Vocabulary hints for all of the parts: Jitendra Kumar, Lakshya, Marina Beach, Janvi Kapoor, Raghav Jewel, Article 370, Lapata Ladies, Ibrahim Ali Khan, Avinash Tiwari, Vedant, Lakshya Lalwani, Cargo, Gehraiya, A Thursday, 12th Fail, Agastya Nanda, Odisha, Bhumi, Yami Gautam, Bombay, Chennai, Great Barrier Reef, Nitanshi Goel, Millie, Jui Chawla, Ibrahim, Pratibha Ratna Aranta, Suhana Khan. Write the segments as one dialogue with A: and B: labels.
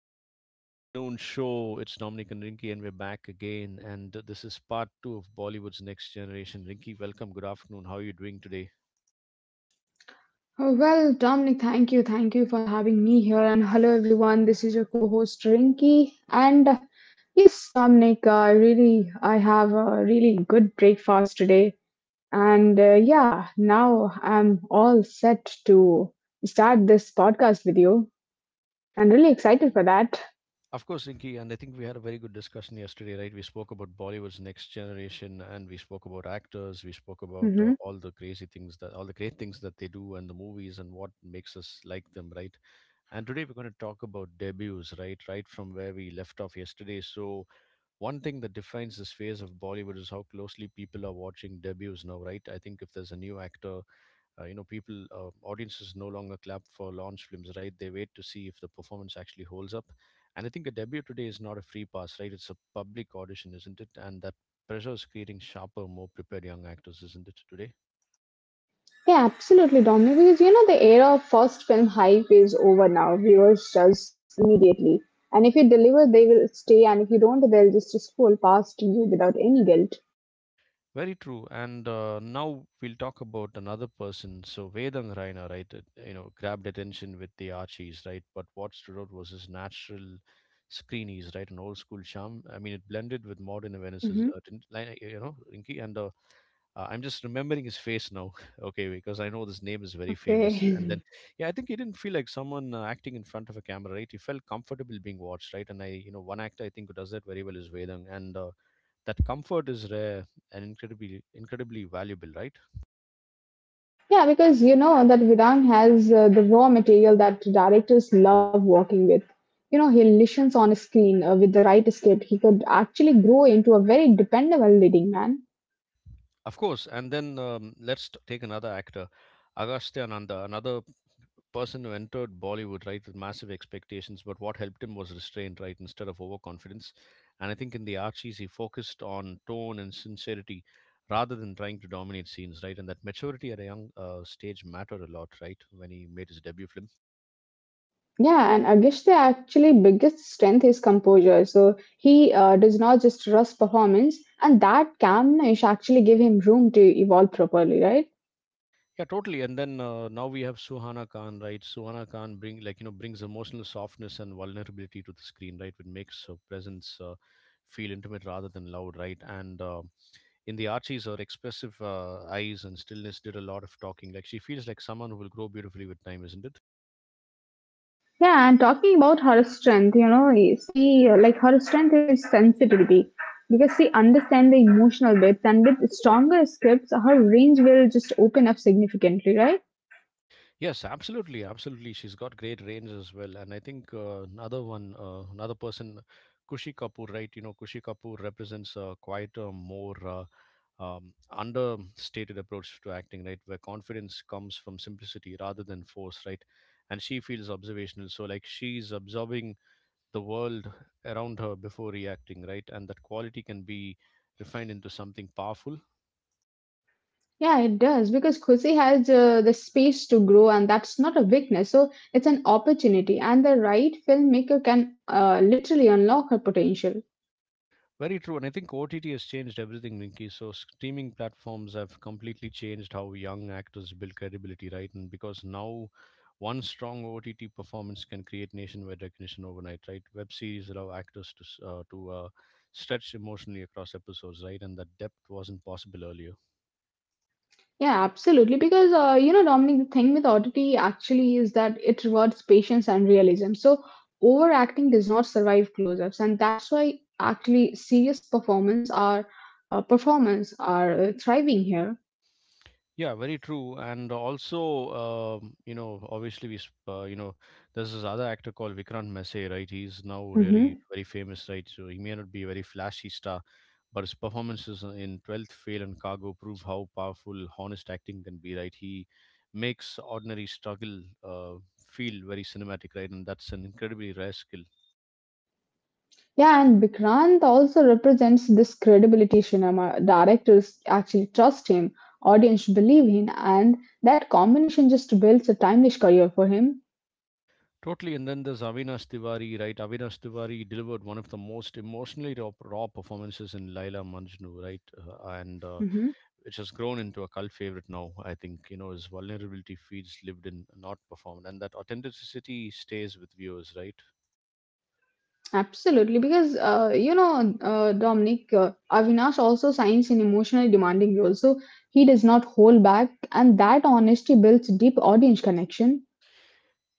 A: to the Noon Show. It's Dominic and Rinky, and we're back again. And this is part two of Bollywood's Next Generation. Rinky, welcome. Good afternoon. How are you doing today?
B: Oh, well, Dominic, thank you. Thank you for having me here. And hello, everyone. This is your co host, Rinky. And yes, Dominic, I have a really good breakfast today. And Yeah, now I'm all set to start this podcast with you. I'm really excited for that.
A: Of course, Rinky, and I think we had a very good discussion yesterday, right? We spoke about Bollywood's Next Generation, and we spoke about actors. We spoke about
B: Mm-hmm.
A: all the crazy things that, all the great things that they do, and the movies, and what makes us like them, right? And today we're going to talk about debuts, right? Right from where we left off yesterday. So, one thing that defines this phase of Bollywood is how closely people are watching debuts now, right? I think if there's a new actor, people, audiences no longer clap for launch films, right? They wait to see if the performance actually holds up. And I think a debut today is not a free pass, right? It's a public audition, isn't it? And that pressure is creating sharper, more prepared young actors, isn't it, today?
B: Yeah, absolutely, Dominic. Because you know the era of first film hype is over now. Viewers judge immediately, and if you deliver, they will stay, and if you don't, they'll just scroll past you without any guilt.
A: Very true. And now we'll talk about another person. So Vedang Raina, right? You know, grabbed attention with the Archies, right? But what stood out was his natural screenies, right? An old school charm. I mean, it blended with modern
B: hmm
A: Venice's, you know, Rinky. And I'm just remembering his face now, okay, because I know this name is very famous. And
B: Okay.
A: then, yeah, I think he didn't feel like someone acting in front of a camera, right? He felt comfortable being watched, right? And I, you know, one actor I think who does that very well is Vedang. And that comfort is rare and incredibly valuable, right?
B: Yeah, because you know that Vedant has the raw material that directors love working with. You know, he listens on a screen with the right script. He could actually grow into a very dependable leading man.
A: Of course. And then let's take another actor, Agastya Nanda, another person who entered Bollywood, right, with massive expectations, but what helped him was restraint, right, instead of overconfidence. And I think in the Archies, he focused on tone and sincerity rather than trying to dominate scenes, right? And that maturity at a young stage mattered a lot, right, when he made his debut film.
B: Yeah, and Agish's actually biggest strength is composure. So he does not just rush performance, and that calmness actually give him room to evolve properly, right?
A: Yeah, totally. And then now we have Suhana Khan, right? Suhana Khan brings emotional softness and vulnerability to the screen, right? Which makes her presence feel intimate rather than loud, right? And in the Archies, her expressive eyes and stillness did a lot of talking. Like she feels like someone who will grow beautifully with time, isn't it?
B: Yeah, and talking about her strength, you know, you see, like her strength is sensitivity because she understands the emotional bits, and with stronger scripts, her range will just open up significantly, right?
A: Yes, absolutely, absolutely. She's got great range as well. And I think another person, Kushi Kapoor, right? You know, Kushi Kapoor represents a quieter, more understated approach to acting, right? Where confidence comes from simplicity rather than force, right? And she feels observational. So, like, she's absorbing the world around her before reacting, right? And that quality can be refined into something powerful.
B: Yeah, it does because Khushi has the space to grow, and that's not a weakness. So it's an opportunity, and the right filmmaker can literally unlock her potential.
A: Very true, and I think OTT has changed everything, Rinky. So streaming platforms have completely changed how young actors build credibility, right? And because now one strong OTT performance can create nationwide recognition overnight, right? Web series allow actors to stretch emotionally across episodes, right? And that depth wasn't possible earlier.
B: Yeah, absolutely. Because you know, Dominic, the thing with oddity actually is that it rewards patience and realism. So, overacting does not survive close ups. And that's why actually serious performance are thriving here.
A: Yeah, very true. And also, obviously, we, sp- you know, there's this other actor called Vikrant Messe, right? He's now really
B: hmm
A: very famous, right? So he may not be a very flashy star, but his performances in 12th Fail and Cargo prove how powerful honest acting can be, right? He makes ordinary struggle feel very cinematic, right? And that's an incredibly rare skill.
B: Yeah, and Vikrant also represents this credibility cinema. Directors actually trust him, audience believe in, and that combination just builds a timeless career for him.
A: Totally. And then there's Avinash Tiwari, right? Avinash Tiwari delivered one of the most emotionally raw performances in Laila Majnu, right? And which has grown into a cult favorite now. I think, you know, his vulnerability feels lived in, not performed. And that authenticity stays with viewers, right?
B: Absolutely, because you know, Dominic, Avinash also signs in emotionally demanding roles, so he does not hold back, and that honesty builds deep audience connection.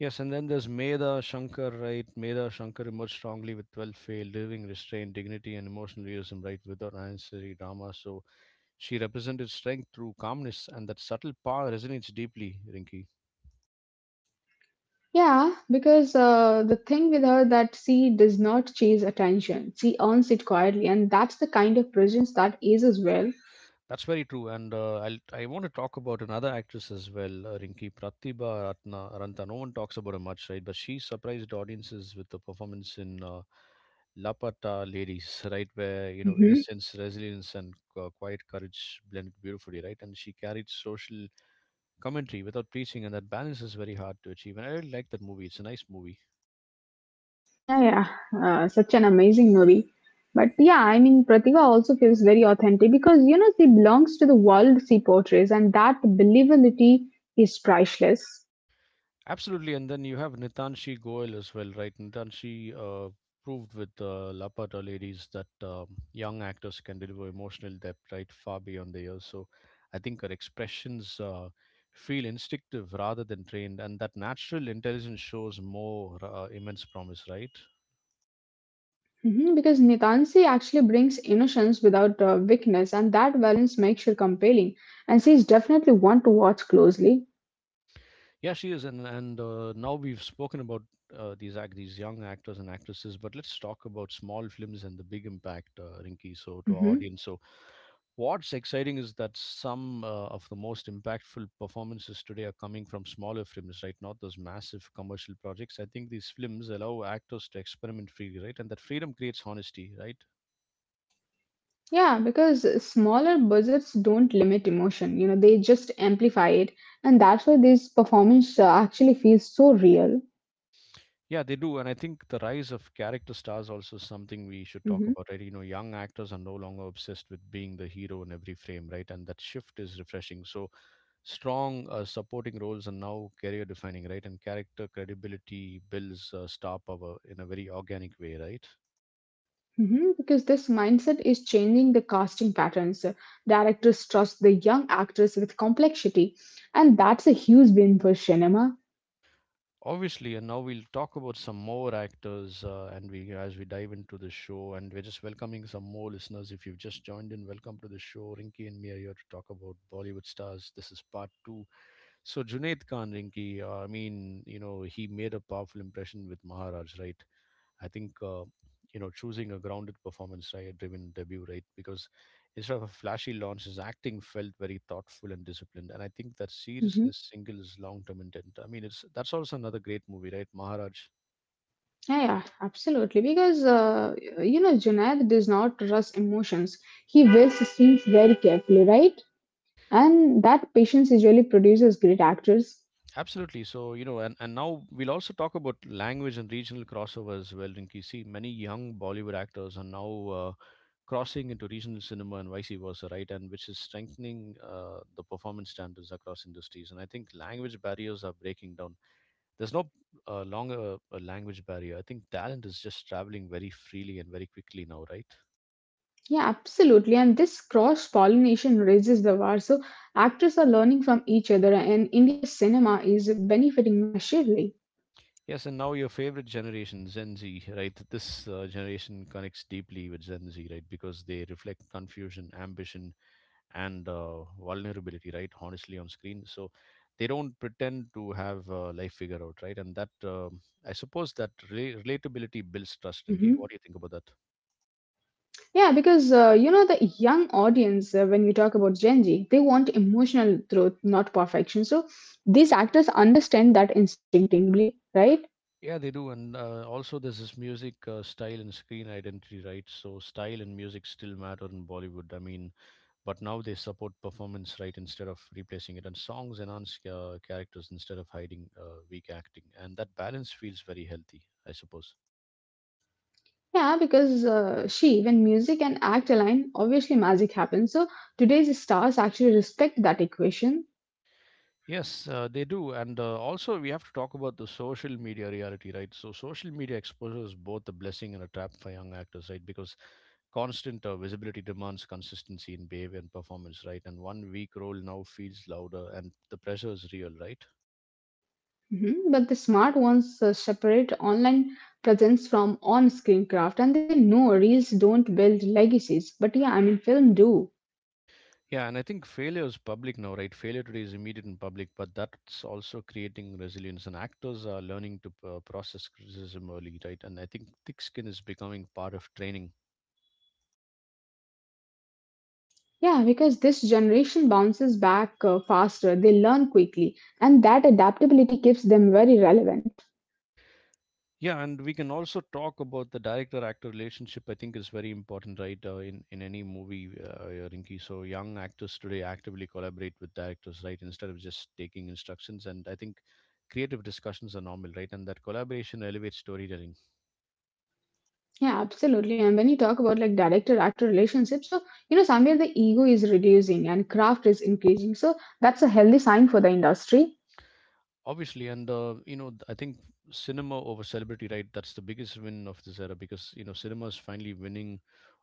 A: Yes, and then there's Medha Shankar, right? Medha Shankar emerged strongly with 12 failed, living restraint, dignity, and emotional realism, right, without unnecessary drama. So she represented strength through calmness, and that subtle power resonates deeply, Rinki.
B: Yeah, because the thing with her that she does not chase attention; she earns it quietly, and that's the kind of presence that is as well.
A: That's very true, and I want to talk about another actress as well, Rinki, Pratibha Ratna Aranta. No one talks about her much, right? But she surprised audiences with the performance in Lapata Ladies, right, where you know
B: hmm
A: innocence, resilience, and quiet courage blend beautifully, right? And she carried social commentary without preaching, and that balance is very hard to achieve. And I really like that movie; it's a nice movie.
B: Yeah, yeah, such an amazing movie. But yeah, I mean, Pratika also feels very authentic because, you know, she belongs to the world she portrays, and that believability is priceless.
A: Absolutely, and then you have Nitanshi Goel as well, right? Nitanshi proved with Lapata Ladies that um young actors can deliver emotional depth, right, far beyond their years. So I think her expressions feel instinctive rather than trained, and that natural intelligence shows more immense promise, right?
B: Hmm, because Nitansi actually brings innocence without weakness, and that balance makes her compelling. And she's definitely one to watch closely.
A: Yeah, she is. And now we've spoken about these young actors and actresses, but let's talk about small films and the big impact, Rinky. So to our
B: hmm
A: audience, so what's exciting is that some of the most impactful performances today are coming from smaller films, right? Not those massive commercial projects. I think these films allow actors to experiment freely, right? And that freedom creates honesty, right?
B: Yeah, because smaller budgets don't limit emotion, you know, they just amplify it. And that's why this performance actually feels so real.
A: Yeah, they do, and I think the rise of character stars also is something we should talk
B: Mhm.
A: about, right? You know, young actors are no longer obsessed with being the hero in every frame, right? And that shift is refreshing. So strong supporting roles are now career defining, right? And character credibility builds star power in a very organic way, right?
B: Mhm, because this mindset is changing the casting patterns. Directors trust the young actors with complexity, and that's a huge win for cinema.
A: Obviously, and now we'll talk about some more actors, and we as we dive into the show, and we're just welcoming some more listeners. If you've just joined in, welcome to the show. Rinky and me are here to talk about Bollywood stars. This is part two. So Junaid Khan, Rinki, I mean, you know, he made a powerful impression with Maharaj, right? I think, choosing a grounded performance, right, driven debut, right? Because instead of a flashy launch, his acting felt very thoughtful and disciplined. And I think that
B: Mhm.
A: seriousness singles long-term intent. I mean, it's that's also another great movie, right? Maharaj.
B: Yeah, yeah, absolutely. Because, you know, Junaid does not rush emotions. He wills the scenes very carefully, right? And that patience usually produces great actors.
A: Absolutely. So, you know, and now we'll also talk about language and regional crossovers, well, Rinki. See, many young Bollywood actors are now crossing into regional cinema and vice versa, right? And which is strengthening the performance standards across industries. And I think language barriers are breaking down. There's no longer a language barrier. I think talent is just traveling very freely and very quickly now, right?
B: Yeah, absolutely. And this cross pollination raises the bar. So actors are learning from each other, and India's cinema is benefiting massively.
A: Yes, and now your favorite generation, Gen Z, right? This generation connects deeply with Gen Z, right? Because they reflect confusion, ambition, and vulnerability, right, honestly on screen. So they don't pretend to have life figure out, right? And that, I suppose, that relatability builds trust. Rinky,
B: hmm
A: what do you think about that?
B: Yeah, because you know the young audience, when you talk about Gen Z, they want emotional truth, not perfection. So these actors understand that instinctively, right?
A: Yeah, they do. And also there's this music, style and screen identity, right? So style and music still matter in Bollywood, I mean, but now they support performance, right, instead of replacing it. And songs enhance characters instead of hiding weak acting, and that balance feels very healthy, I suppose.
B: Yeah, because when music and act align, obviously magic happens. So today's stars actually respect that equation.
A: Yes, they do. And also, we have to talk about the social media reality, right? So, social media exposes both a blessing and a trap for young actors, right? Because constant visibility demands consistency in behavior and performance, right? And one weak role now feels louder, and the pressure is real, right?
B: Mhm. But the smart ones separate online presence from on screen craft and they know reels don't build legacies. But yeah, I mean, film do.
A: Yeah, and I think failure is public now, right? Failure today is immediate and public, but that's also creating resilience. And actors are learning to process criticism early, right? And I think thick skin is becoming part of training.
B: Yeah, because this generation bounces back faster, they learn quickly, and that adaptability keeps them very relevant.
A: Yeah, and we can also talk about the director-actor relationship. I think is very important, right? In any movie, yeah, Rinki. So young actors today actively collaborate with directors, right? Instead of just taking instructions, and I think creative discussions are normal, right? And that collaboration elevates storytelling,
B: Yeah, absolutely. And when you talk about like director actor relationship, so you know, somewhere the ego is reducing and craft is increasing. So that's a healthy sign for the industry.
A: obviously. And I think cinema over celebrity, right? That's the biggest win of this era because you know cinema is finally winning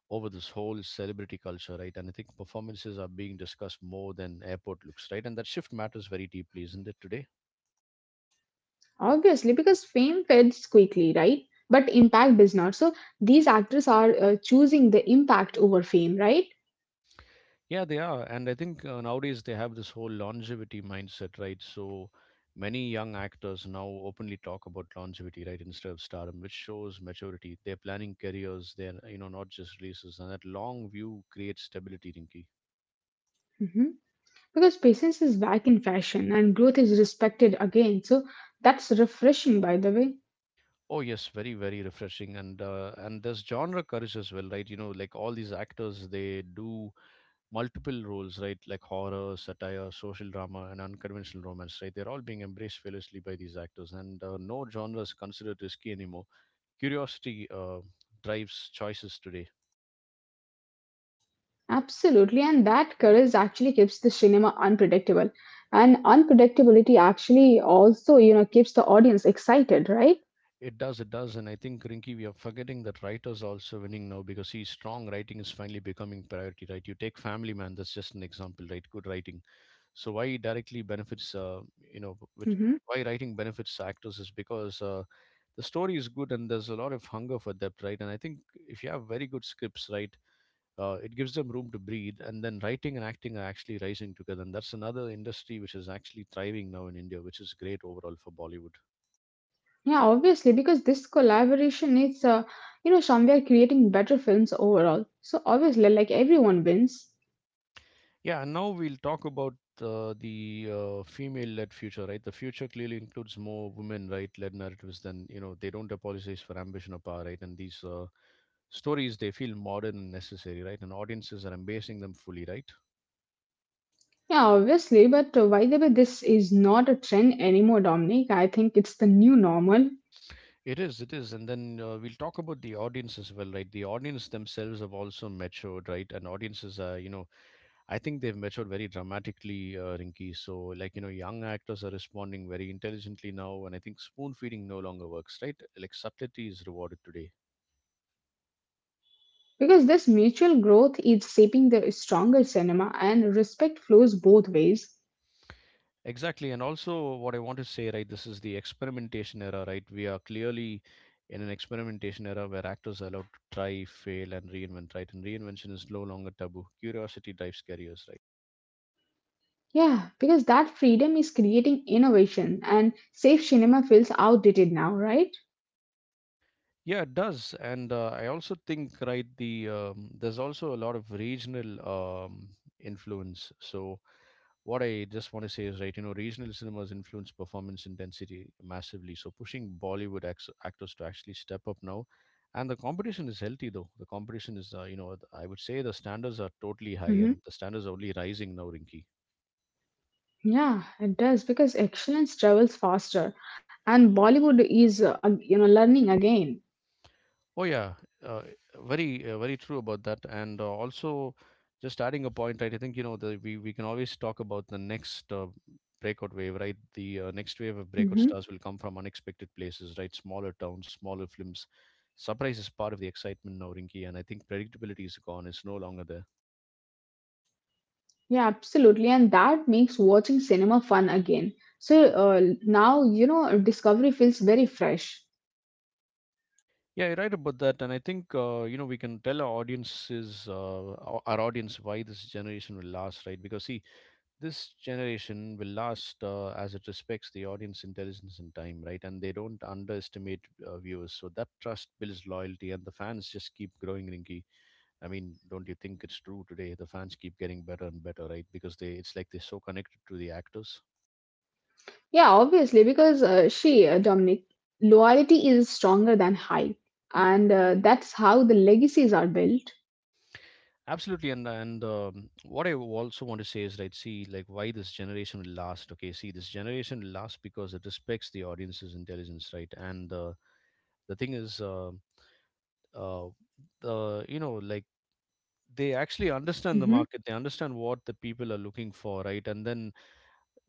A: over this whole celebrity culture, right? And I think performances are being discussed more than airport looks, right? And that shift matters very deeply, isn't it, today?
B: Obviously, because fame fades quickly, right? But impact does not. So these actors are choosing the impact over fame, right?
A: Yeah, they are. And I think nowadays they have this whole longevity mindset, right? So many young actors now openly talk about longevity, right, instead of stardom, which shows maturity. They're planning careers, they're, you know, not just releases. And that long view creates stability, Rinky.
B: Hmm, because patience is back in fashion and growth is respected again. So that's refreshing, by the way.
A: Oh yes, very refreshing, and there's genre courage as well, right? You know, like all these actors, they do multiple roles, right? Like horror, satire, social drama, and unconventional romance, right? They're all being embraced fearlessly by these actors, and no genre is considered risky anymore. Curiosity drives choices today.
B: Absolutely, and that courage actually keeps the cinema unpredictable. And unpredictability actually also, you know, keeps the audience excited, right?
A: It does, and I think Rinky, we are forgetting that writers are also winning now because see, strong writing is finally becoming priority, right? You take Family Man, that's just an example, right? Good writing. So why it directly benefits, you know, which
B: hmm
A: Why writing benefits actors is because the story is good, and there's a lot of hunger for depth, right? And I think if you have very good scripts, right, it gives them room to breathe. And then writing and acting are actually rising together, and that's another industry which is actually thriving now in India, which is great overall for Bollywood.
B: Yeah, obviously, because this collaboration is, you know, somewhere creating better films overall. So obviously, like everyone wins.
A: Yeah, and now we'll talk about the female-led future, right? The future clearly includes more women, right, led narratives, than, you know, they don't apologize for ambition or power, right? And these stories, they feel modern and necessary, right? And audiences are embracing them fully, right?
B: Yeah, obviously, but by the way, this is not a trend anymore, Dominic. I think it's the new normal.
A: It is, it is. And then we'll talk about the audience as well, right? The audience themselves have also matured, right? And audiences are, you know, I think they've matured very dramatically, Rinky. So, like, you know, young actors are responding very intelligently now. And I think spoon feeding no longer works, right? Like, subtlety is rewarded
B: hmm
A: today.
B: Yeah, obviously. Because this mutual growth is shaping the stronger cinema and respect flows both ways.
A: Exactly. And also, what I want to say, right, this is the experimentation era, right? We are clearly in an experimentation era where actors are allowed to try, fail, and reinvent, right? And reinvention is no longer taboo. Curiosity drives careers.
B: Yeah, because that freedom is creating innovation and safe cinema feels outdated now, right?
A: Yeah, it does, and I also think right there's also a lot of regional influence. So what I just want to say is right, you know, regional cinemas influence performance intensity massively. So pushing Bollywood actors to actually step up now, and the competition is healthy though. The competition is, you know, I would say the standards are totally high,
B: hmm
A: and the standards are only rising now, Rinky.
B: Yeah, it does because excellence travels faster and Bollywood is ag- you know learning again.
A: Oh yeah, uh, very very true about that. And also, just adding a point, right? I think, you know, the we can always talk about the next breakout wave, right? The next wave of breakout
B: Mhm.
A: stars will come from unexpected places, right? Smaller towns, smaller films. Surprise is part of the excitement now, Rinky, and I think predictability is gone. It's no longer there.
B: Yeah, absolutely. And that makes watching cinema fun again. So now, you know, Discovery feels very fresh.
A: Yeah, you're right about that. And I think you know, we can tell our audiences, our audience, why this generation will last, right? Because see, this generation will last as it respects the audience intelligence and time, right? And they don't underestimate viewers, so that trust builds loyalty, and the fans just keep growing, Rinky. I mean, don't you think it's true today? The fans keep getting better and better, right? Because they, it's like they're so connected to the actors.
B: Yeah, obviously, because Dominic, loyalty is stronger than hype. And that's how the legacies are built.
A: Absolutely. And What I also want to say is right, see, like, why this generation will last. Okay, see, this generation will last because it respects the audience's intelligence, right? And the thing is uh, the you know like they actually understand the
B: Mhm.
A: market, they understand what the people are looking for, right? And then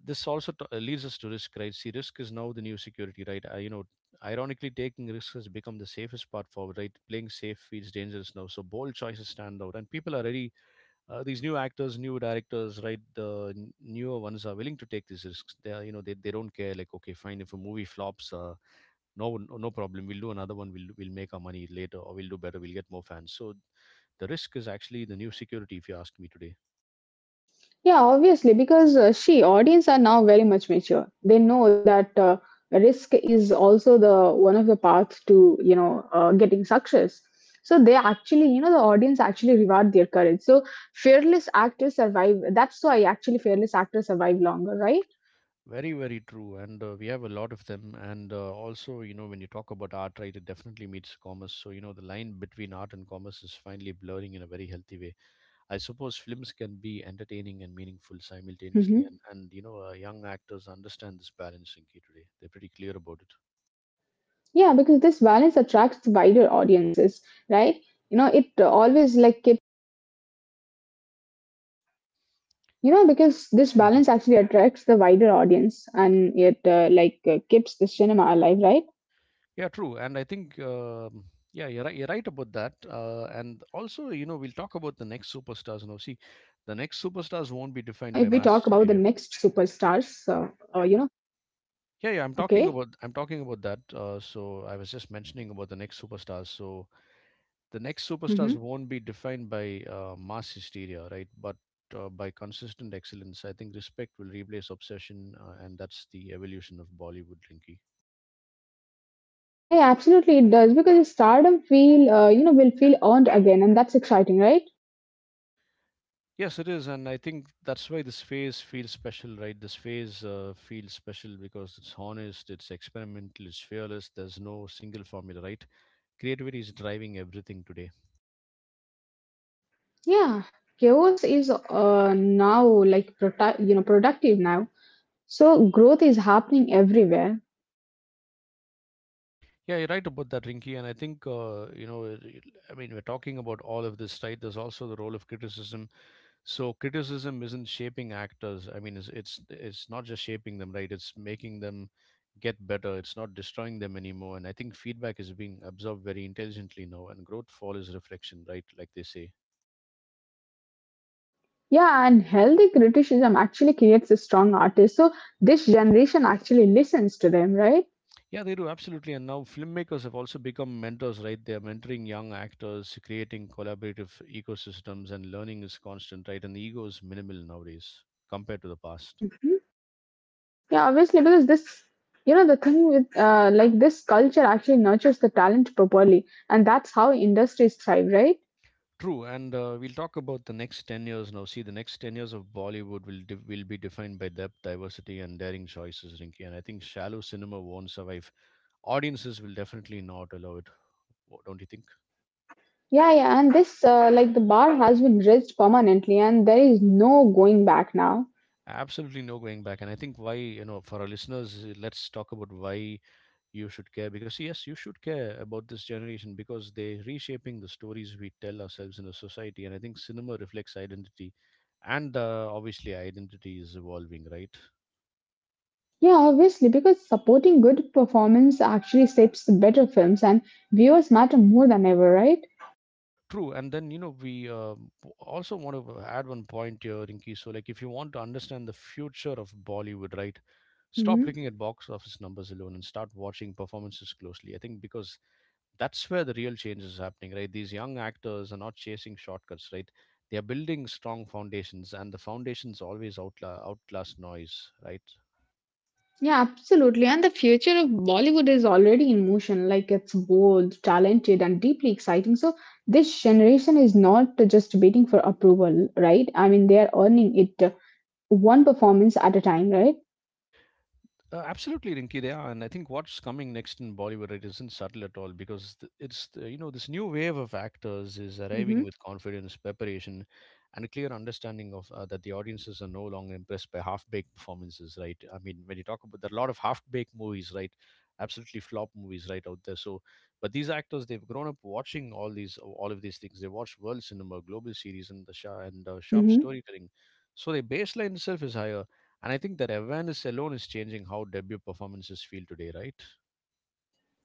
A: this also leads us to risk, right? See, risk is now the new security, right? You know, ironically, taking risks has become the safest part forward, right? Playing safe feels dangerous now, so bold choices stand out and people are ready. These new actors, new directors, right, the newer ones are willing to take these risks. They are, you know, they don't care, like, okay, fine, if a movie flops, no, no, no problem, we'll do another one. We'll make our money later, or we'll do better, we'll get more fans. So the risk is actually the new security, if you ask me today.
B: Yeah, obviously, because she audience are now very much mature. They know that risk is also the one of the path to you know getting success. So they actually, you know, the audience actually reward their courage. So fearless actors survive. That's why actually fearless actors survive longer, right?
A: Very true. And we have a lot of them. And also, you know, when you talk about art, right, it definitely meets commerce. So, you know, the line between art and commerce is finally blurring in a very healthy way. I suppose films can be entertaining and meaningful simultaneously.
B: hmm
A: And You know, young actors understand this balancing key today. They're pretty clear about it.
B: Yeah, because this balance attracts wider audiences, right? You know, it always like you know, because this
A: Mhm.
B: balance actually attracts the wider audience and it like keeps the cinema alive, right?
A: Yeah, true. And I think, yeah, you're right about that. And also, you know, we'll
B: And
A: talk
B: also,
A: about the
B: you know,
A: next
B: if we
A: superstars
B: talk
A: now. See,
B: about the
A: the
B: next
A: next superstars won't be
B: superstars,
A: defined by mass
B: you know,
A: hysteria.
B: okay.
A: Yeah, yeah, I'm talking about that. So I was just mentioning about the next superstars. So the next
B: hmm
A: superstars won't be defined by mass hysteria, right? But by consistent excellence. I think respect will replace obsession, and that's the evolution of Bollywood, Linky.
B: Yeah, absolutely, it does because the stardom feel, you know, will feel earned again, and that's exciting, right?
A: Yes, it is. And I think that's why this phase feels special, right? This phase feels special because it's honest, it's experimental, it's fearless. There's no single formula, right? Creativity is driving everything today.
B: Yeah, chaos is now like prota- you know productive now, so growth is happening everywhere.
A: Yeah, you're right about that, Rinky. And I think you know, I mean, we're talking about all of this, right? There's also the role of criticism. So criticism isn't shaping actors. I mean, it's not just shaping them, right, it's making them get better. It's not destroying them anymore. And I think feedback is being absorbed very intelligently now, and growth follows reflection, right, like they say.
B: Yeah, and healthy criticism actually creates a strong artist. So this generation actually listens to them, right?
A: Yeah, they do, absolutely. And now filmmakers have also become mentors, right? They are mentoring young actors, creating collaborative ecosystems, and learning is constant, right? And the ego is minimal nowadays compared to the past.
B: Mhm. Yeah, obviously because this, you know, the thing with like this culture actually nurtures the talent properly, and that's how industries thrive, right?
A: True. And we'll talk about the next 10 years now. See, the next 10 years of Bollywood will will be defined by depth, diversity, and daring choices, Rinki. And I think shallow cinema won't survive. Audiences will definitely not allow it. Don't you think?
B: Yeah, yeah, and this like the bar has been raised permanently, and there is no going back now.
A: Absolutely no going back. And I think, why, you know, for our listeners, let's talk about why you should care. Because yes, you should care about this generation because they're reshaping the stories we tell ourselves in a society. And I think cinema reflects identity, and obviously identity is evolving, right?
B: Yeah, obviously because supporting good performance actually shapes the better films, and viewers matter more than ever, right?
A: True. And then, you know, we also want to add one point here, Rinki. So, like, if you want to understand the future of Bollywood, right? Stop
B: Mhm.
A: looking at box office numbers alone and start watching performances closely. I think, because that's where the real change is happening, right? These young actors are not chasing shortcuts, right? They are building strong foundations, and the foundations always outlast noise, right?
B: Yeah, absolutely. And the future of Bollywood is already in motion. Like it's bold, talented, and deeply exciting. So this generation is not just waiting for approval, right? I mean, they are earning it one performance at a time, right?
A: Absolutely, Rinki. They are. And I think what's coming next in Bollywood, it isn't subtle at all, because it's the, you know, this new wave of actors is arriving
B: hmm
A: with confidence, preparation, and a clear understanding of that the audiences are no longer impressed by half-baked performances, right? I mean, when you talk about, there are a lot of half-baked movies, right? Absolutely flop movies right out there. So, but these actors, they've grown up watching all these, all of these things. They watched world cinema, global series, and sharp
B: hmm
A: storytelling. So their baseline itself is higher, and I think that awareness alone is changing how debut performances feel today, right?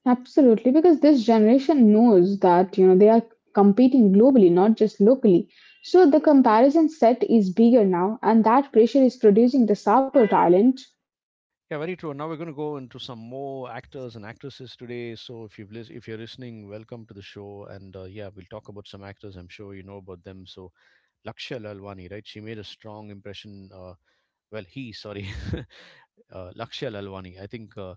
B: Absolutely, because this generation knows that you know they are competing globally, not just locally. So the comparison set is bigger now, and that pressure is producing the sharper talent.
A: Yeah, very true. And now we're going to go into some more actors and actresses today. So if you're listening, welcome to the show. And yeah, we'll talk about some actors. I'm sure you know about them. So Lakshya Lalwani, right? She made a strong impression. Well, he, sorry, Lakshya Lalwani. I think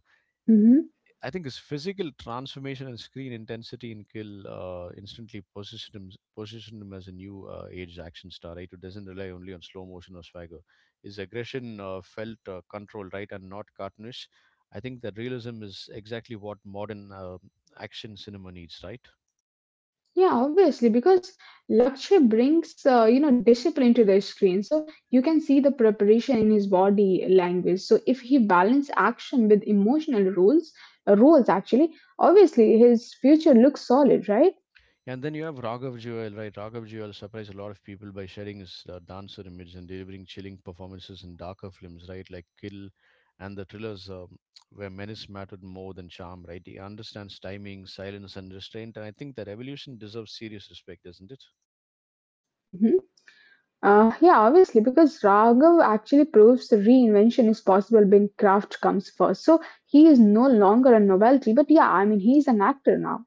B: Mm-hmm.
A: his physical transformation and screen intensity in Kill instantly positioned him as a new age action star, right? Who doesn't rely only on slow motion or swagger. His aggression felt controlled, right, and not cartoonish. I think that realism is exactly what modern action cinema needs, right?
B: Yeah, obviously, because Lakshya brings you know discipline to the screen, so you can see the preparation in his body language. So if he balance action with emotional roles actually, obviously his future looks solid, right?
A: And then you have Raghav Jewel, right? Raghav Jewel surprised a lot of people by sharing his dancer image and delivering chilling performances in darker films, right? Like Kill and the thrillers, where menace mattered more than charm, right? He understands timing, silence, and restraint. And I think that evolution deserves serious respect, doesn't it?
B: Hmm. Yeah, obviously, because Raghav actually proves the reinvention is possible when craft comes first. So he is no longer a novelty, but yeah, I mean he is an actor now.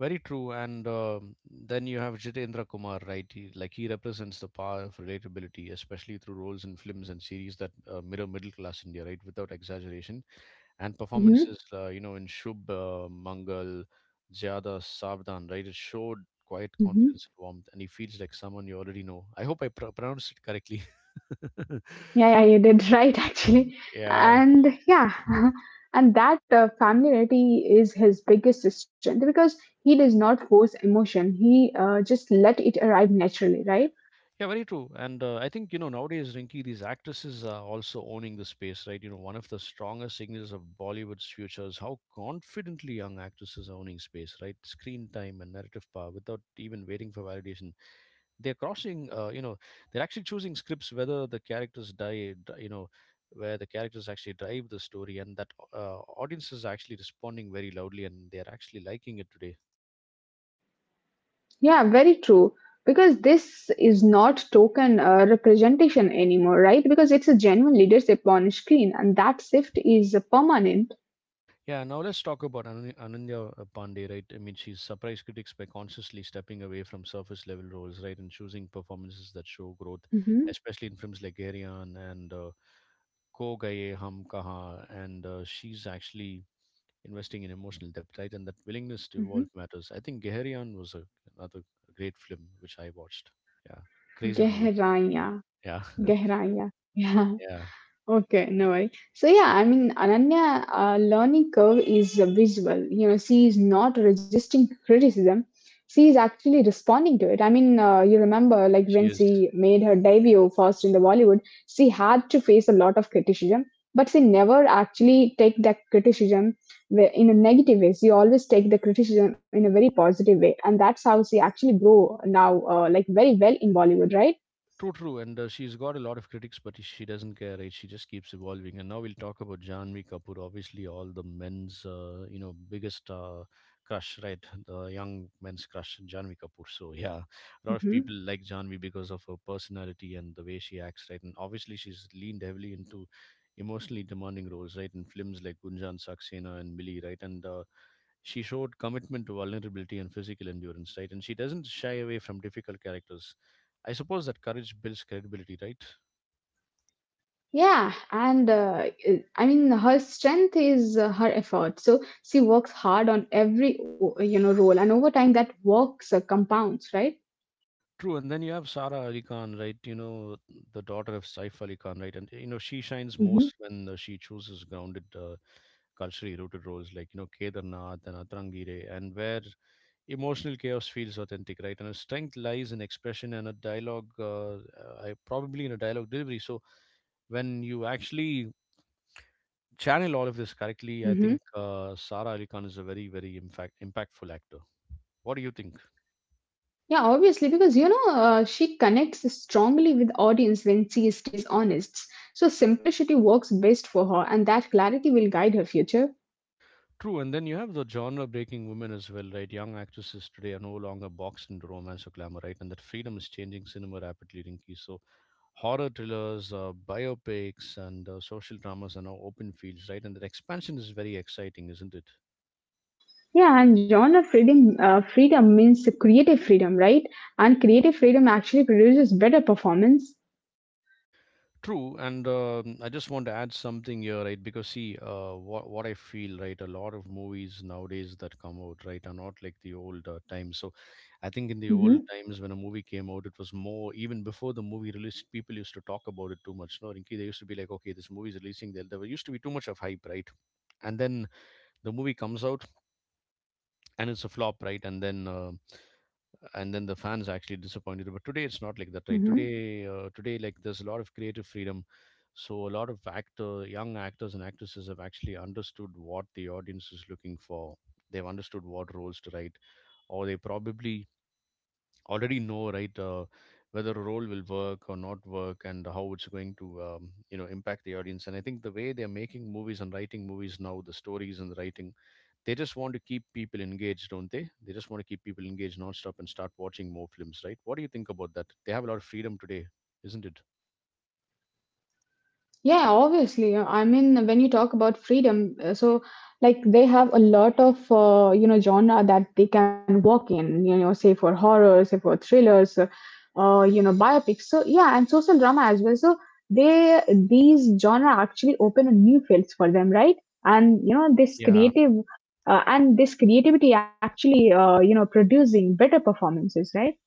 A: Very true. And then you have Jitendra Kumar, right? He represents the power of relatability, especially through roles in films and series that mirror middle class India, right? Without exaggeration and
B: hmm
A: performances, in Shub Mangal, Zyada Savdan, right? It showed quiet
B: hmm
A: confidence and warmth, and he feels like someone you already know. I hope I pronounced it correctly.
B: Yeah, yeah, you did right, actually.
A: yeah.
B: And yeah, and that familiarity is his biggest strength because he does not force emotion. He just let it arrive naturally, right?
A: Yeah, very true. And I think, you know, nowadays, Rinki, these actresses are also owning the space, right? You know, one of the strongest signals of Bollywood's future is how confidently young actresses are owning space, right? Screen time and narrative power without even waiting for validation. They're crossing they're actually choosing scripts whether the characters die dri- you know where the characters actually drive the story, and that audience is actually responding very loudly, and they're actually liking it today.
B: Yeah, very true. Because this is not token representation anymore, right? Because it's a genuine leadership on screen, and that shift is permanent.
A: Yeah, now let's talk about Ananya Pandey, right? I mean, she's surprised critics by consciously stepping away from surface level roles, right, and choosing performances that show growth,
B: Mm-hmm,
A: especially in films like Aryan and Ko Gaye Hum Kaha, and she's actually investing in emotional depth, right? And that willingness to
B: mm-hmm.
A: evolve matters. I think Geherian was another great film which I watched. Yeah, crazy movie.
B: Gehraiya,
A: Yeah,
B: gehraiya. Yeah.
A: yeah.
B: Okay, no worry. So yeah, I mean, Ananya learning curve is visual. You know, she is not resisting criticism. She is actually responding to it. I mean, you remember like
A: She
B: when
A: is.
B: she made her debut first in the Bollywood, she had to face a lot of criticism, but she never actually take that criticism wh- in a negative way. She always take the criticism in a very positive way, and that's how she actually grow now, like very well in Bollywood, right?
A: True, true, and she's got a lot of critics, but she doesn't care, right? She just keeps evolving. And now we'll talk about Janvi Kapoor, obviously all the men's, biggest crush, right? The young men's crush, Janvi Kapoor. So yeah, a lot of people
B: Mm-hmm.
A: like Janvi because of her personality and the way she acts, right? And obviously she's leaned heavily into emotionally demanding roles, right? In films like Gunjan Saxena and Millie, right? And she showed commitment to vulnerability and physical endurance, right? And she doesn't shy away from difficult characters. I suppose that courage builds credibility, right?
B: Yeah, and I- mean her strength is her effort. So she works hard on every o- you know role, and over time that works compounds, right?
A: True, and then you have Sara Ali Khan, right? You know, the daughter of Saif Ali Khan, right? And, you know, she shines most
B: hmm
A: when she chooses grounded, culturally rooted roles like, you know, Kedarnath and Atrangire, and where emotional chaos feels authentic, right? And her strength lies in expression and a dialogue, probably in a dialogue delivery. So when you actually channel all of this correctly, I think
B: hmm
A: Sara Ali Khan is a very, very impactful actor. What do you think?
B: Yeah, obviously because you know she connects strongly with audience when she stays honest. So simplicity works best for her, and that clarity will guide her future.
A: True, and then you have the genre breaking women as well, right? Young actresses today are no longer boxed into romance or glamour, right? And that freedom is changing cinema rapidly, Rinki. So, horror thrillers, biopics, and social dramas are now open fields, right? And that expansion is very exciting, isn't it?
B: Yeah, and genre freedom means creative freedom, right? And creative freedom actually produces better performance.
A: True, and I just want to add something here, right? Because see, what I feel, right? A lot of movies nowadays that come out, right, are not like the old times. So, I think in the old
B: hmm
A: times when a movie came out, it was more even before the movie released. People used to talk about it too much. No, Rinki, they used to be like, okay, this movie is releasing. There used to be too much of hype, right? And then the movie comes out and it's a flop, right? And then the fans actually disappointed, but today it's not like that, right?
B: hmm
A: Today like there's a lot of creative freedom, so a lot of actor young actors and actresses have actually understood what the audience is looking for. They've understood what roles to write, or they probably already know, right? Whether a role will work or not work, and how it's going to impact the audience. And I think the way they're making movies and writing movies now, the stories and the writing, they just want to keep people engaged, don't they? They just want to keep people engaged nonstop and start watching more films, right? What do you think about that? They have a lot of freedom today, isn't it?
B: Yeah, obviously. I mean, when you talk about freedom, so like they have a lot of you know genre that they can work in. You know, say for horror, say for thrillers, you know, biopics. So yeah, and social drama as well. So they these genre actually open a new fields for them, right? And you know, this
A: Yeah.
B: creative and this creativity actually you know producing better performances, right?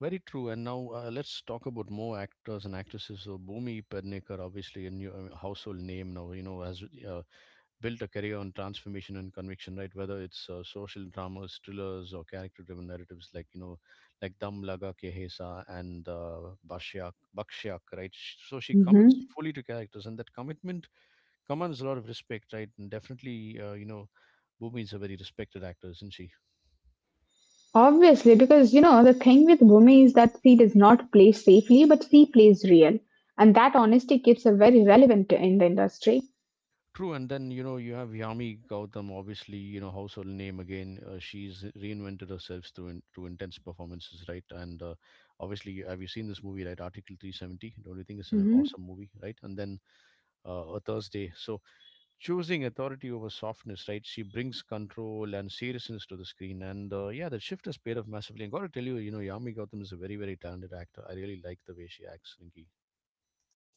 A: Very true. And now let's talk about more actors and actresses. So Bhumi Pednekar, obviously a household name now, you know, as uh, built a career on transformation and conviction, right? Whether it's social dramas, thrillers, or character-driven narratives like, you know, like Dam Laga Ke Hesa and Bashyak, Bakshyak, right? So she commits
B: Mm-hmm.
A: fully to characters, and that commitment commands a lot of respect, right? And definitely, Bhumi is a very respected actor, isn't she?
B: Obviously, because you know, the thing with Bhumi is that she does not play safely, but she plays real. And that honesty keeps her very relevant in the industry.
A: True, and then you know you have Yami Gautam, obviously you know household name again. She's reinvented herself through intense performances, right? And obviously, have you seen this movie, right? Article 370. Don't you think it's an
B: hmm
A: awesome movie, right? And then a Thursday. So choosing authority over softness, right? She brings control and seriousness to the screen, and yeah, the shift has paid off massively. And got to tell you, you know, Yami Gautam is a very very talented actor. I really like the way she acts, Rinki.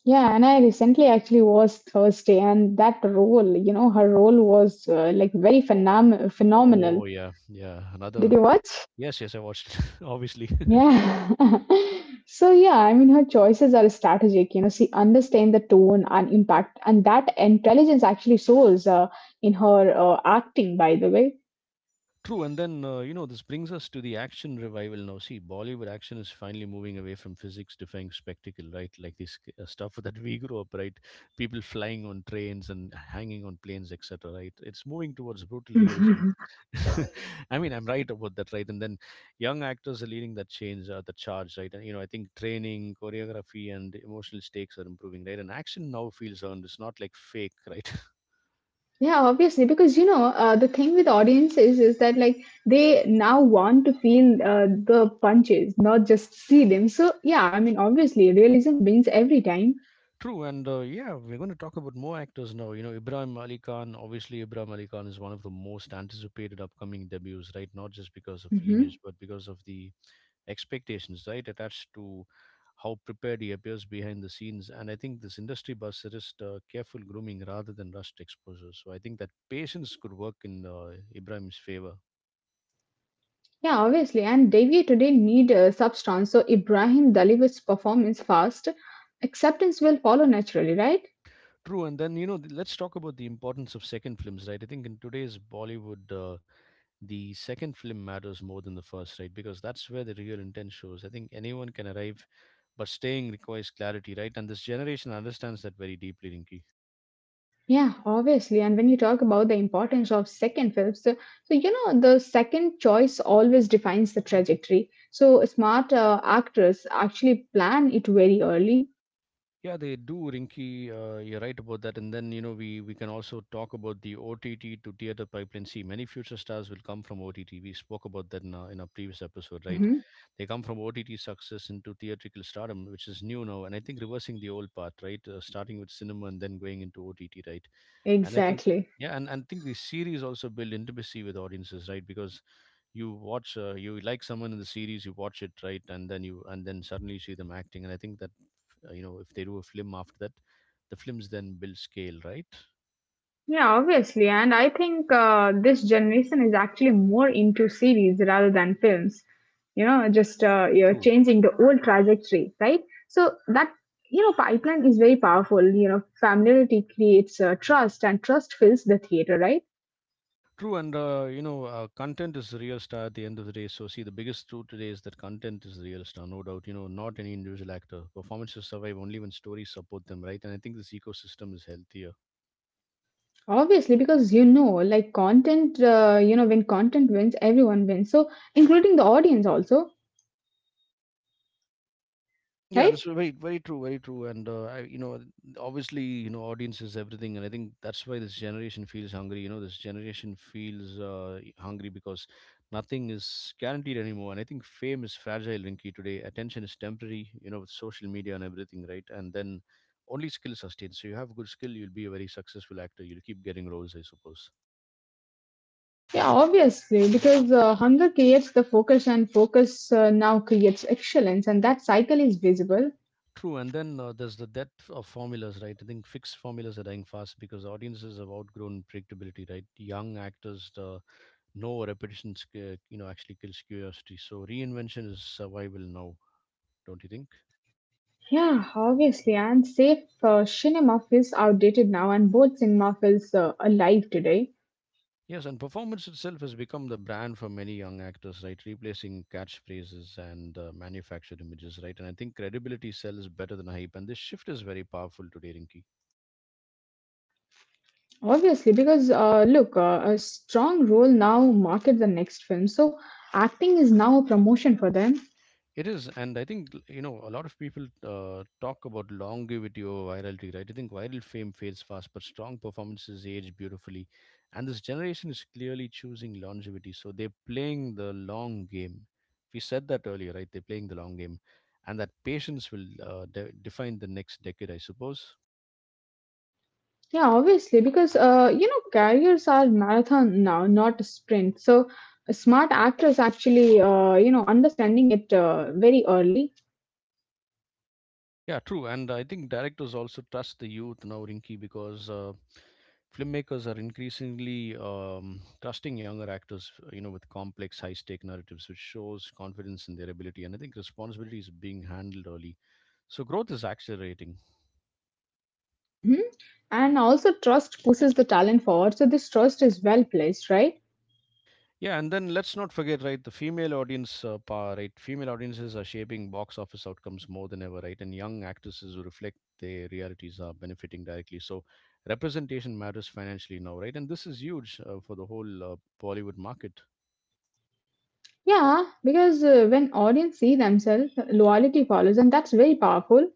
B: Yeah, and I recently actually was Thursday, and that role, her role was like very
A: Oh,
B: phenomenal.
A: oh yeah, yeah. Another
B: Did you watch?
A: yes, yes. I watched it, obviously.
B: Yeah. So, yeah, I mean, her choices are strategic. You know, she understands the tone and impact, and that intelligence actually shows in her acting, by the way.
A: True, and then you know this brings us to the action revival now. See, Bollywood action is finally moving away from physics-defying spectacle, right? Like this stuff that we grew up, right? People flying on trains and hanging on planes, etc. Right? It's moving towards brutal realism. I mean, I'm right about that, right? And then young actors are leading the charge, right? And you know, I think training, choreography, and emotional stakes are improving, right? And action now feels earned. It's not like fake, right?
B: Yeah, obviously, because the thing with audiences is that like they now want to feel the punches, not just see them. So yeah, I mean, obviously, realism wins every time.
A: True, and yeah, we're going to talk about more actors now. You know, Ibrahim Ali Khan, obviously, Ibrahim Ali Khan is one of the most anticipated upcoming debuts, right? Not just because of lineage,
B: hmm
A: but because of the expectations, right? Attached to how prepared he appears behind the scenes. And I think this industry buzz suggests careful grooming rather than rushed exposure. So I think that patience could work in Ibrahim's favor.
B: Yeah, obviously, and Devi today need substance. So Ibrahim delivers performance fast. Acceptance will follow naturally, right?
A: True, and then, you know, let's talk about the importance of second films, right? I think in today's Bollywood, the second film matters more than the first, right? Because that's where the real intent shows. I think anyone can arrive, but staying requires clarity, right? And this generation understands that very deeply, Rinki.
B: Yeah, obviously. And when you talk about the importance of second films, you know, the second choice always defines the trajectory. So smart actors actually plan it very early.
A: Yeah, they do, Rinki. You're right about that. And then, you know, we can also talk about the OTT to theater pipeline. See, many future stars will come from OTT. We spoke about that in our previous episode, right?
B: hmm
A: They come from OTT success into theatrical stardom, which is new now. And I think reversing the old path, right? Starting with cinema and then going into OTT, right? And I think,
B: Exactly.
A: yeah, and I think the series also build intimacy with audiences, right? Because you watch you like someone in the series you watch it, right? And then suddenly you see them acting, and I think that if they do a film after that, the films then build scale, right?
B: Yeah, obviously. And I think this generation is actually more into series rather than films. You know, just you're
A: true
B: changing the old trajectory, right? So that you know pipeline is very powerful. You know, familiarity creates trust, and trust fills the theater, right?
A: true and you know content is the real star at the end of the day. So see, the biggest truth today is that content is the real star, no doubt, you know, not any individual actor. Performances survive only when stories support them, right? And I think this ecosystem is healthier.
B: Obviously, because you know, like content, when content wins, everyone wins. So, including the audience also,
A: Yeah,
B: right?
A: that's very, very true, very true. And you know, obviously, you know, audience is everything, and I think that's why this generation feels hungry. You know, this generation feels hungry because nothing is guaranteed anymore. And I think fame is fragile, Rinky, today. Attention is temporary. You know, with social media and everything, right? And then only skill sustains. So you have good skill, you'll be a very successful actor. You'll keep getting roles, I suppose.
B: Yeah, obviously, because hunger creates the focus, and focus now creates excellence, and that cycle is visible.
A: True, and then there's the death of formulas, right? I think fixed formulas are dying fast because audiences have outgrown predictability, right? Young actors, no repetition, you know, actually kills curiosity. So reinvention is survival now, don't you think?
B: Yeah, obviously, and safe cinema feels outdated now, and both cinema feels alive today.
A: Yes, and performance itself has become the brand for many young actors, right? Replacing catchphrases and manufactured images, right? And I think credibility sells better than hype, and this shift is very powerful today, Rinki.
B: Obviously, because look, a strong role now market the next film, so acting is now a promotion for them.
A: It is, and I think you know a lot of people talk about longevity over virality, right? I think viral fame fades fast, but strong performances age beautifully, and this generation is clearly choosing longevity. So they're playing the long game. We said that earlier, right? They're playing the long game, and that patience will define the next decade, I suppose.
B: Yeah, obviously, because you know, careers are marathon now, not a sprint. So, a smart actors actually, you know, understanding it very early,
A: Yeah, true. And I think directors also trust the youth now, Rinky, because filmmakers are increasingly trusting younger actors, you know, with complex, high-stake narratives, which shows confidence in their ability. And I think responsibility is being handled early. So growth is accelerating.
B: hmm and also trust pushes the talent forward. So, this trust is well placed, right?
A: Yeah, and then let's not forget, right? The female right? Female audiences are shaping box office outcomes more than ever, right? And young actresses who reflect their realities are benefiting directly. So representation matters financially now, right? And this is huge for the whole Bollywood market.
B: Yeah, because when audience see themselves, loyalty follows, and that's very powerful.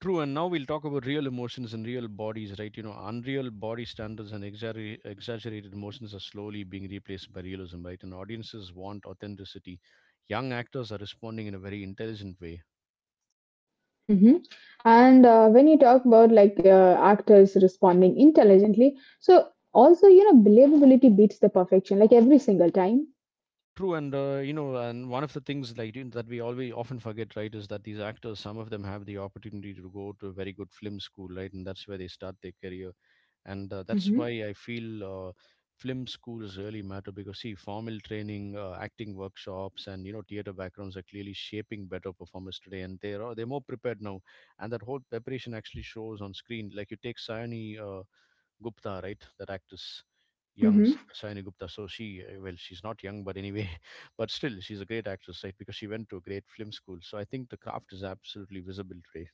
A: True, and now we'll talk about real emotions and real bodies, right? You know, unreal body standards and exaggerated emotions are slowly being replaced by realism, right? And audiences want authenticity. Young actors are responding in a very intelligent way.
B: hmm And when you talk about like actors responding intelligently, so also you know, believability beats the perfection, like every single time.
A: True, and you know, and one of the things like you know, that we always often forget, right, is that these actors, some of them have the opportunity to go to a very good film school, right, and that's where they start their career, and that's
B: Mm-hmm.
A: why I feel film schools really matter because see, formal training, acting workshops, and you know, theater backgrounds are clearly shaping better performers today, and they're more prepared now, and that whole preparation actually shows on screen. Like you take Sione. Gupta, right? That actress, young
B: hmm
A: Saini Gupta. So she, well, she's not young, but anyway, but still, she's a great actress, right? Because she went to a great film school. So I think the craft is absolutely visible today.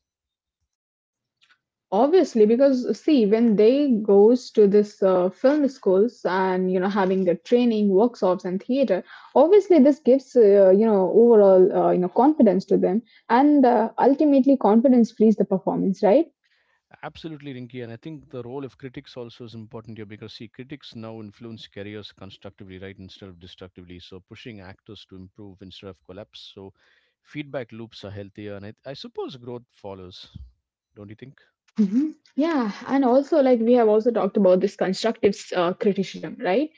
B: Obviously, because see, when they goes to this film schools and you know having the training, workshops, and theater, obviously this gives overall confidence to them, and ultimately confidence frees the performance, right?
A: Absolutely, Rinky. And I think the role of critics also is important here because, see, critics now influence careers constructively, right, instead of destructively. So pushing actors to improve instead of collapse. So feedback loops are healthier. And I suppose growth follows. Don't you think?
B: hmm Yeah, and also like we have also talked about this constructive criticism, right?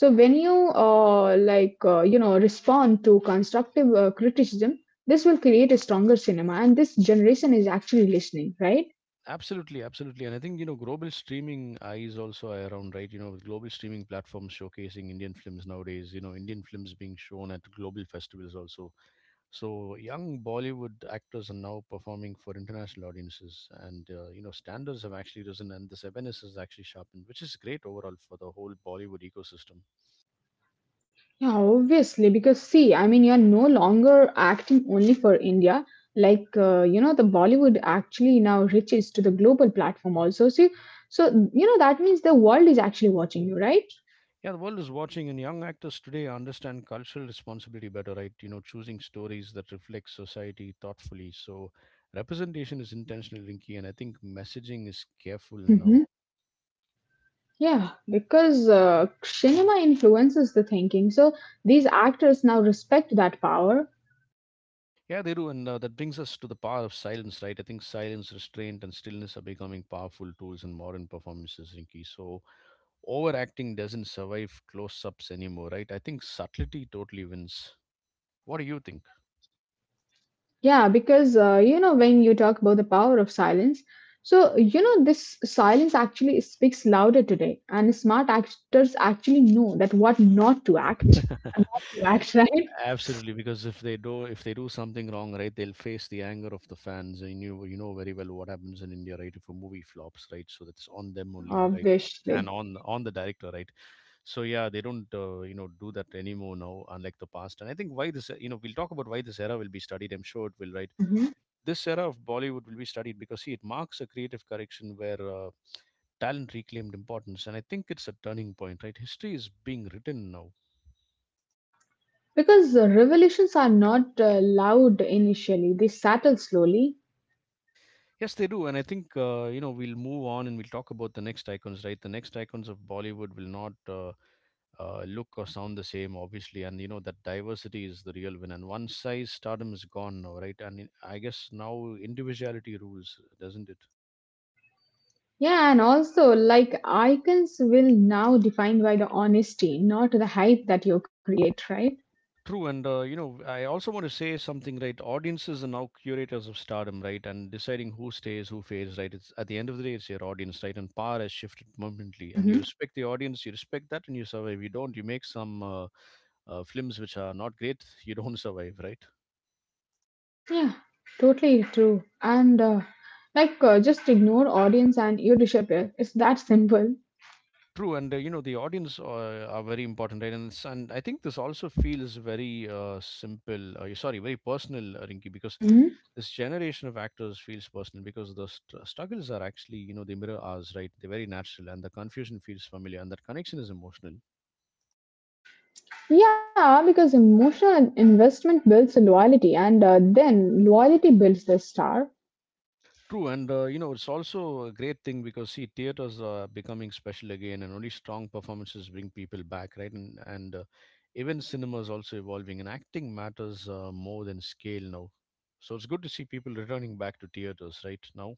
B: So when you you know respond to constructive criticism, this will create a stronger cinema, and this generation is actually listening, right?
A: Absolutely, absolutely. And I think, you know, global streaming eyes also are around, right? You know, with global streaming platforms showcasing Indian films nowadays, you know, Indian films being shown at global festivals also. So young Bollywood actors are now performing for international audiences. And, you know, standards have actually risen and this awareness is actually sharpened, which is great overall for the whole Bollywood ecosystem.
B: Yeah, obviously, because see, I mean, you're no longer acting only for India. Like, you know, the Bollywood actually now reaches to the global platform also. See, so, you know, that means the world is actually watching you, right?
A: Yeah, the world is watching, and young actors today understand cultural responsibility better, right? You know, choosing stories that reflect society thoughtfully. So, representation is intentional, Rinky, and I think messaging is careful now.
B: hmm Yeah, because cinema influences the thinking. So these actors now respect that power.
A: Yeah, they do, and that brings us to the power of silence, right? I think silence, restraint, and stillness are becoming powerful tools in modern performances, Rinky. So, overacting doesn't survive close ups anymore, right? I think subtlety totally wins. What do you think?
B: Yeah, because you know when you talk about the power of silence, so you know this silence actually speaks louder today, and smart actors actually know that what not to act, and what to act right,
A: Absolutely, because if they do something wrong, right, they'll face the anger of the fans, and you know very well what happens in India, right? If a movie flops, right, so that's on them only, right, and
B: obviously.
A: on the director, right. So yeah, they don't you know do that anymore now, unlike the past. And I think why this you know we'll talk about why this era will be studied. I'm sure it will, right.
B: Mhm.
A: This era of Bollywood will be studied because see, it marks a creative correction where. Talent reclaimed importance, and I think it's a turning point, right? History is being written now.
B: Because revolutions are not loud initially; they settle slowly.
A: Yes, they do, and I think you know we'll move on and we'll talk about the next icons, right? The next icons of Bollywood will not look or sound the same, obviously, and you know that diversity is the real win. And one size stardom is gone now, right? And I guess now individuality rules, doesn't it?
B: Yeah, and also like icons will now defined by the honesty, not the hype that you create, right?
A: True, and you know, I also want to say something, right? Audiences are now curators of stardom, right? And deciding who stays, who fades, right? It's at the end of the day, it's your audience, right? And power has shifted permanently, and you respect the audience, you respect that, and you survive. You don't, you make some films which are not great, you don't survive, right?
B: Yeah, totally true. And just ignore audience and you disappear. It's that simple.
A: True, and you know the audience are very important, right? And it's, and I think this also feels very simple. Sorry, very personal, Rinki, because
B: hmm
A: this generation of actors feels personal because the struggles are actually you know they mirror ours, right? They're very natural, and the confusion feels familiar, and that connection is emotional.
B: Yeah, because emotional investment builds loyalty, and then loyalty builds the star.
A: True, and you know it's also a great thing because see, theaters are becoming special again, and only strong performances bring people back, right? And even cinema is also evolving, and acting matters more than scale now. So it's good to see people returning back to theaters right now.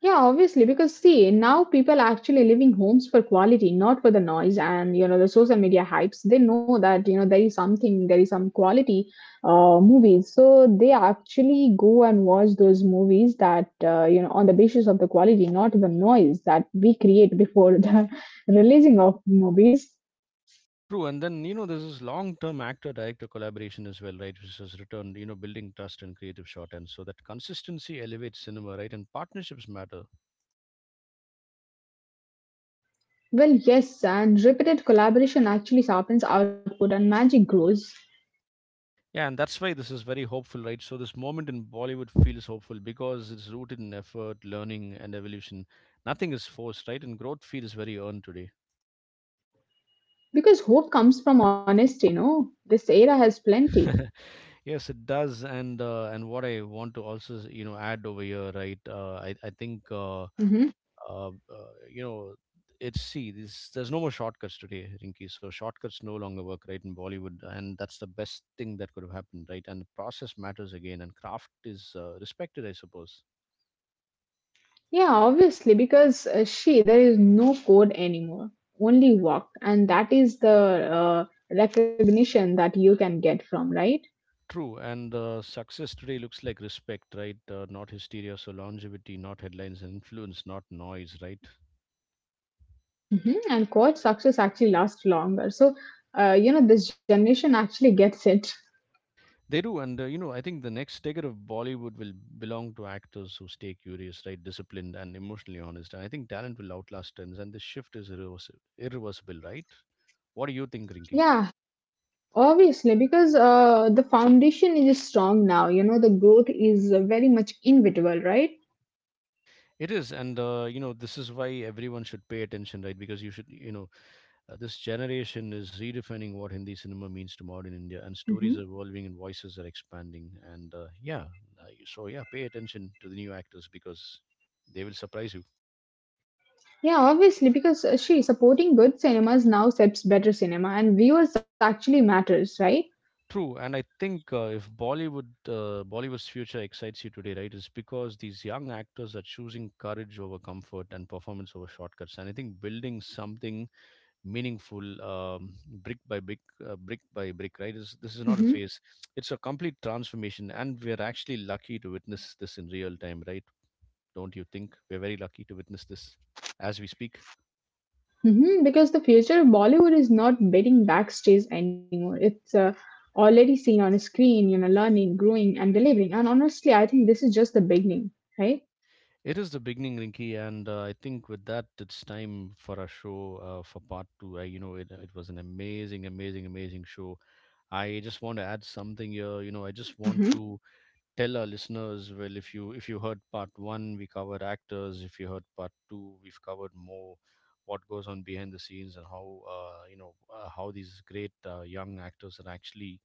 B: Yeah, obviously, because see, now people are actually leaving homes for quality, not for the noise. And you know, the social media hypes, they know that you know there is something, there is some quality movies, so they actually go and watch those movies that you know on the basis of the quality, not the noise that we create before the releasing of movies.
A: True, and then you know there's this long-term actor-director collaboration as well, right? Which has returned, you know, building trust and creative shorthand, so that consistency elevates cinema, right? And partnerships matter.
B: Well, yes, and repeated collaboration actually sharpens output and magic grows
A: Yeah, and that's why this is very hopeful, right? So this moment in Bollywood feels hopeful because it's rooted in effort, learning, and evolution. Nothing is forced, right? And growth feels very earned today.
B: because hope comes from honesty. You know, this era has plenty.
A: Yes, it does. And what I want to also you know add over here, right? Uh, I I think uh,
B: Mhm.
A: uh, uh, you know it's see this there's no more shortcuts today, Rinky. So shortcuts no longer work, right? In Bollywood, and that's the best thing that could have happened, right? And the process matters again, and craft is respected, I suppose.
B: Yeah, obviously, because there is no code anymore, only work. And that is the recognition that you can get from, right?
A: True, and success today looks like respect, right? Not hysteria, so longevity, not headlines and influence, not noise, right?
B: And coach success actually lasts longer. So, you know, this generation actually gets it.
A: They do, and you know, I think the next decade of Bollywood will belong to actors who stay curious, right, disciplined, and emotionally honest. And I think talent will outlast trends, and this shift is irreversible, irreversible, right? What do you think, Rinki?
B: Yeah, obviously, because the foundation is strong now, you know, the growth is very much inevitable, right?
A: It is, and you know, this is why everyone should pay attention, right? Because you should, you know, this generation is redefining what Hindi cinema means to modern India, and stories are
B: Mhm.
A: evolving and voices are expanding. And so yeah, pay attention to the new actors because they will surprise you.
B: Yeah, obviously, because she supporting good cinemas now sets better cinema, and viewers actually matters, right?
A: True, and I think if Bollywood's future excites you today, right, it's because these young actors are choosing courage over comfort and performance over shortcuts, and I think building something meaningful brick by brick brick by brick, right? This is not a
B: Mm-hmm.
A: phase, it's a complete transformation, and we're actually lucky to witness this in real time, right? Don't you think we're very lucky to witness this as we speak?
B: Mm-hmm. Because the future of Bollywood is not betting backstage anymore. It's already seen on a screen, you know, learning, growing, and delivering. And honestly, I think this is just the beginning, right?
A: It is the beginning, Rinky, and I think with that it's time for our show for part two. I, you know it, it was an amazing show. I just want to add something here, you know, I just want
B: Mm-hmm.
A: to tell our listeners, well, if you heard part one we covered actors, if you heard part two we've covered more what goes on behind the scenes and how how these great young actors are actually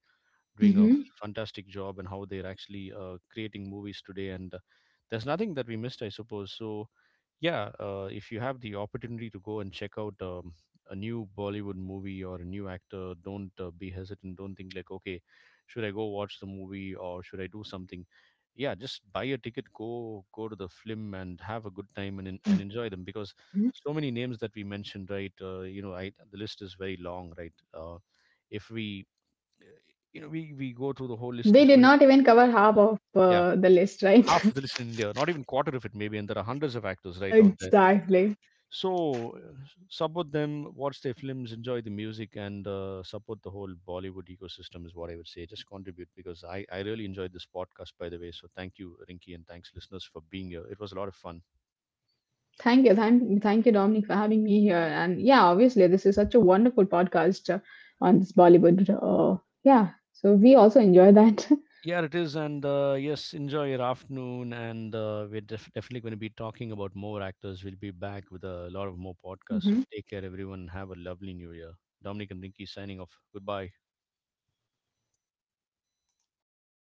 A: doing a
B: Mm-hmm.
A: fantastic job and how they're actually creating movies today. And there's nothing that we missed, I suppose. So, yeah, if you have the opportunity to go and check out a new Bollywood movie or a new actor, don't be hesitant. Don't think like, okay, should I go watch the movie or should I do something? Yeah, just buy a ticket, go to the film and have a good time and and enjoy them
B: Mm-hmm.
A: because so many names that we mentioned, right? You know, I the list is very long, right? If we you know, we go through the whole list
B: They
A: is
B: did
A: well,
B: not even cover half of
A: yeah,
B: the list, right?
A: half of the list in India, not even quarter of it maybe, and there are hundreds of actors right out there.
B: Exactly.
A: So support them, watch their films, enjoy the music, and support the whole Bollywood ecosystem is what I would say. Just contribute because I really enjoyed this podcast, by the way. So thank you, Rinky, and thanks listeners for being here. It was a lot of fun.
B: Thank you. Thank you, Dominic, for having me here. And yeah, obviously, this is such a wonderful podcast on this Bollywood. Yeah. So we also enjoy that.
A: Yeah, it is. And yes, enjoy your afternoon. And we're definitely going to be talking about more actors. We'll be back with a lot of more podcasts. So
B: Mhm.
A: take care, everyone. Have a lovely new year. Dominic and Rinky signing off. Goodbye.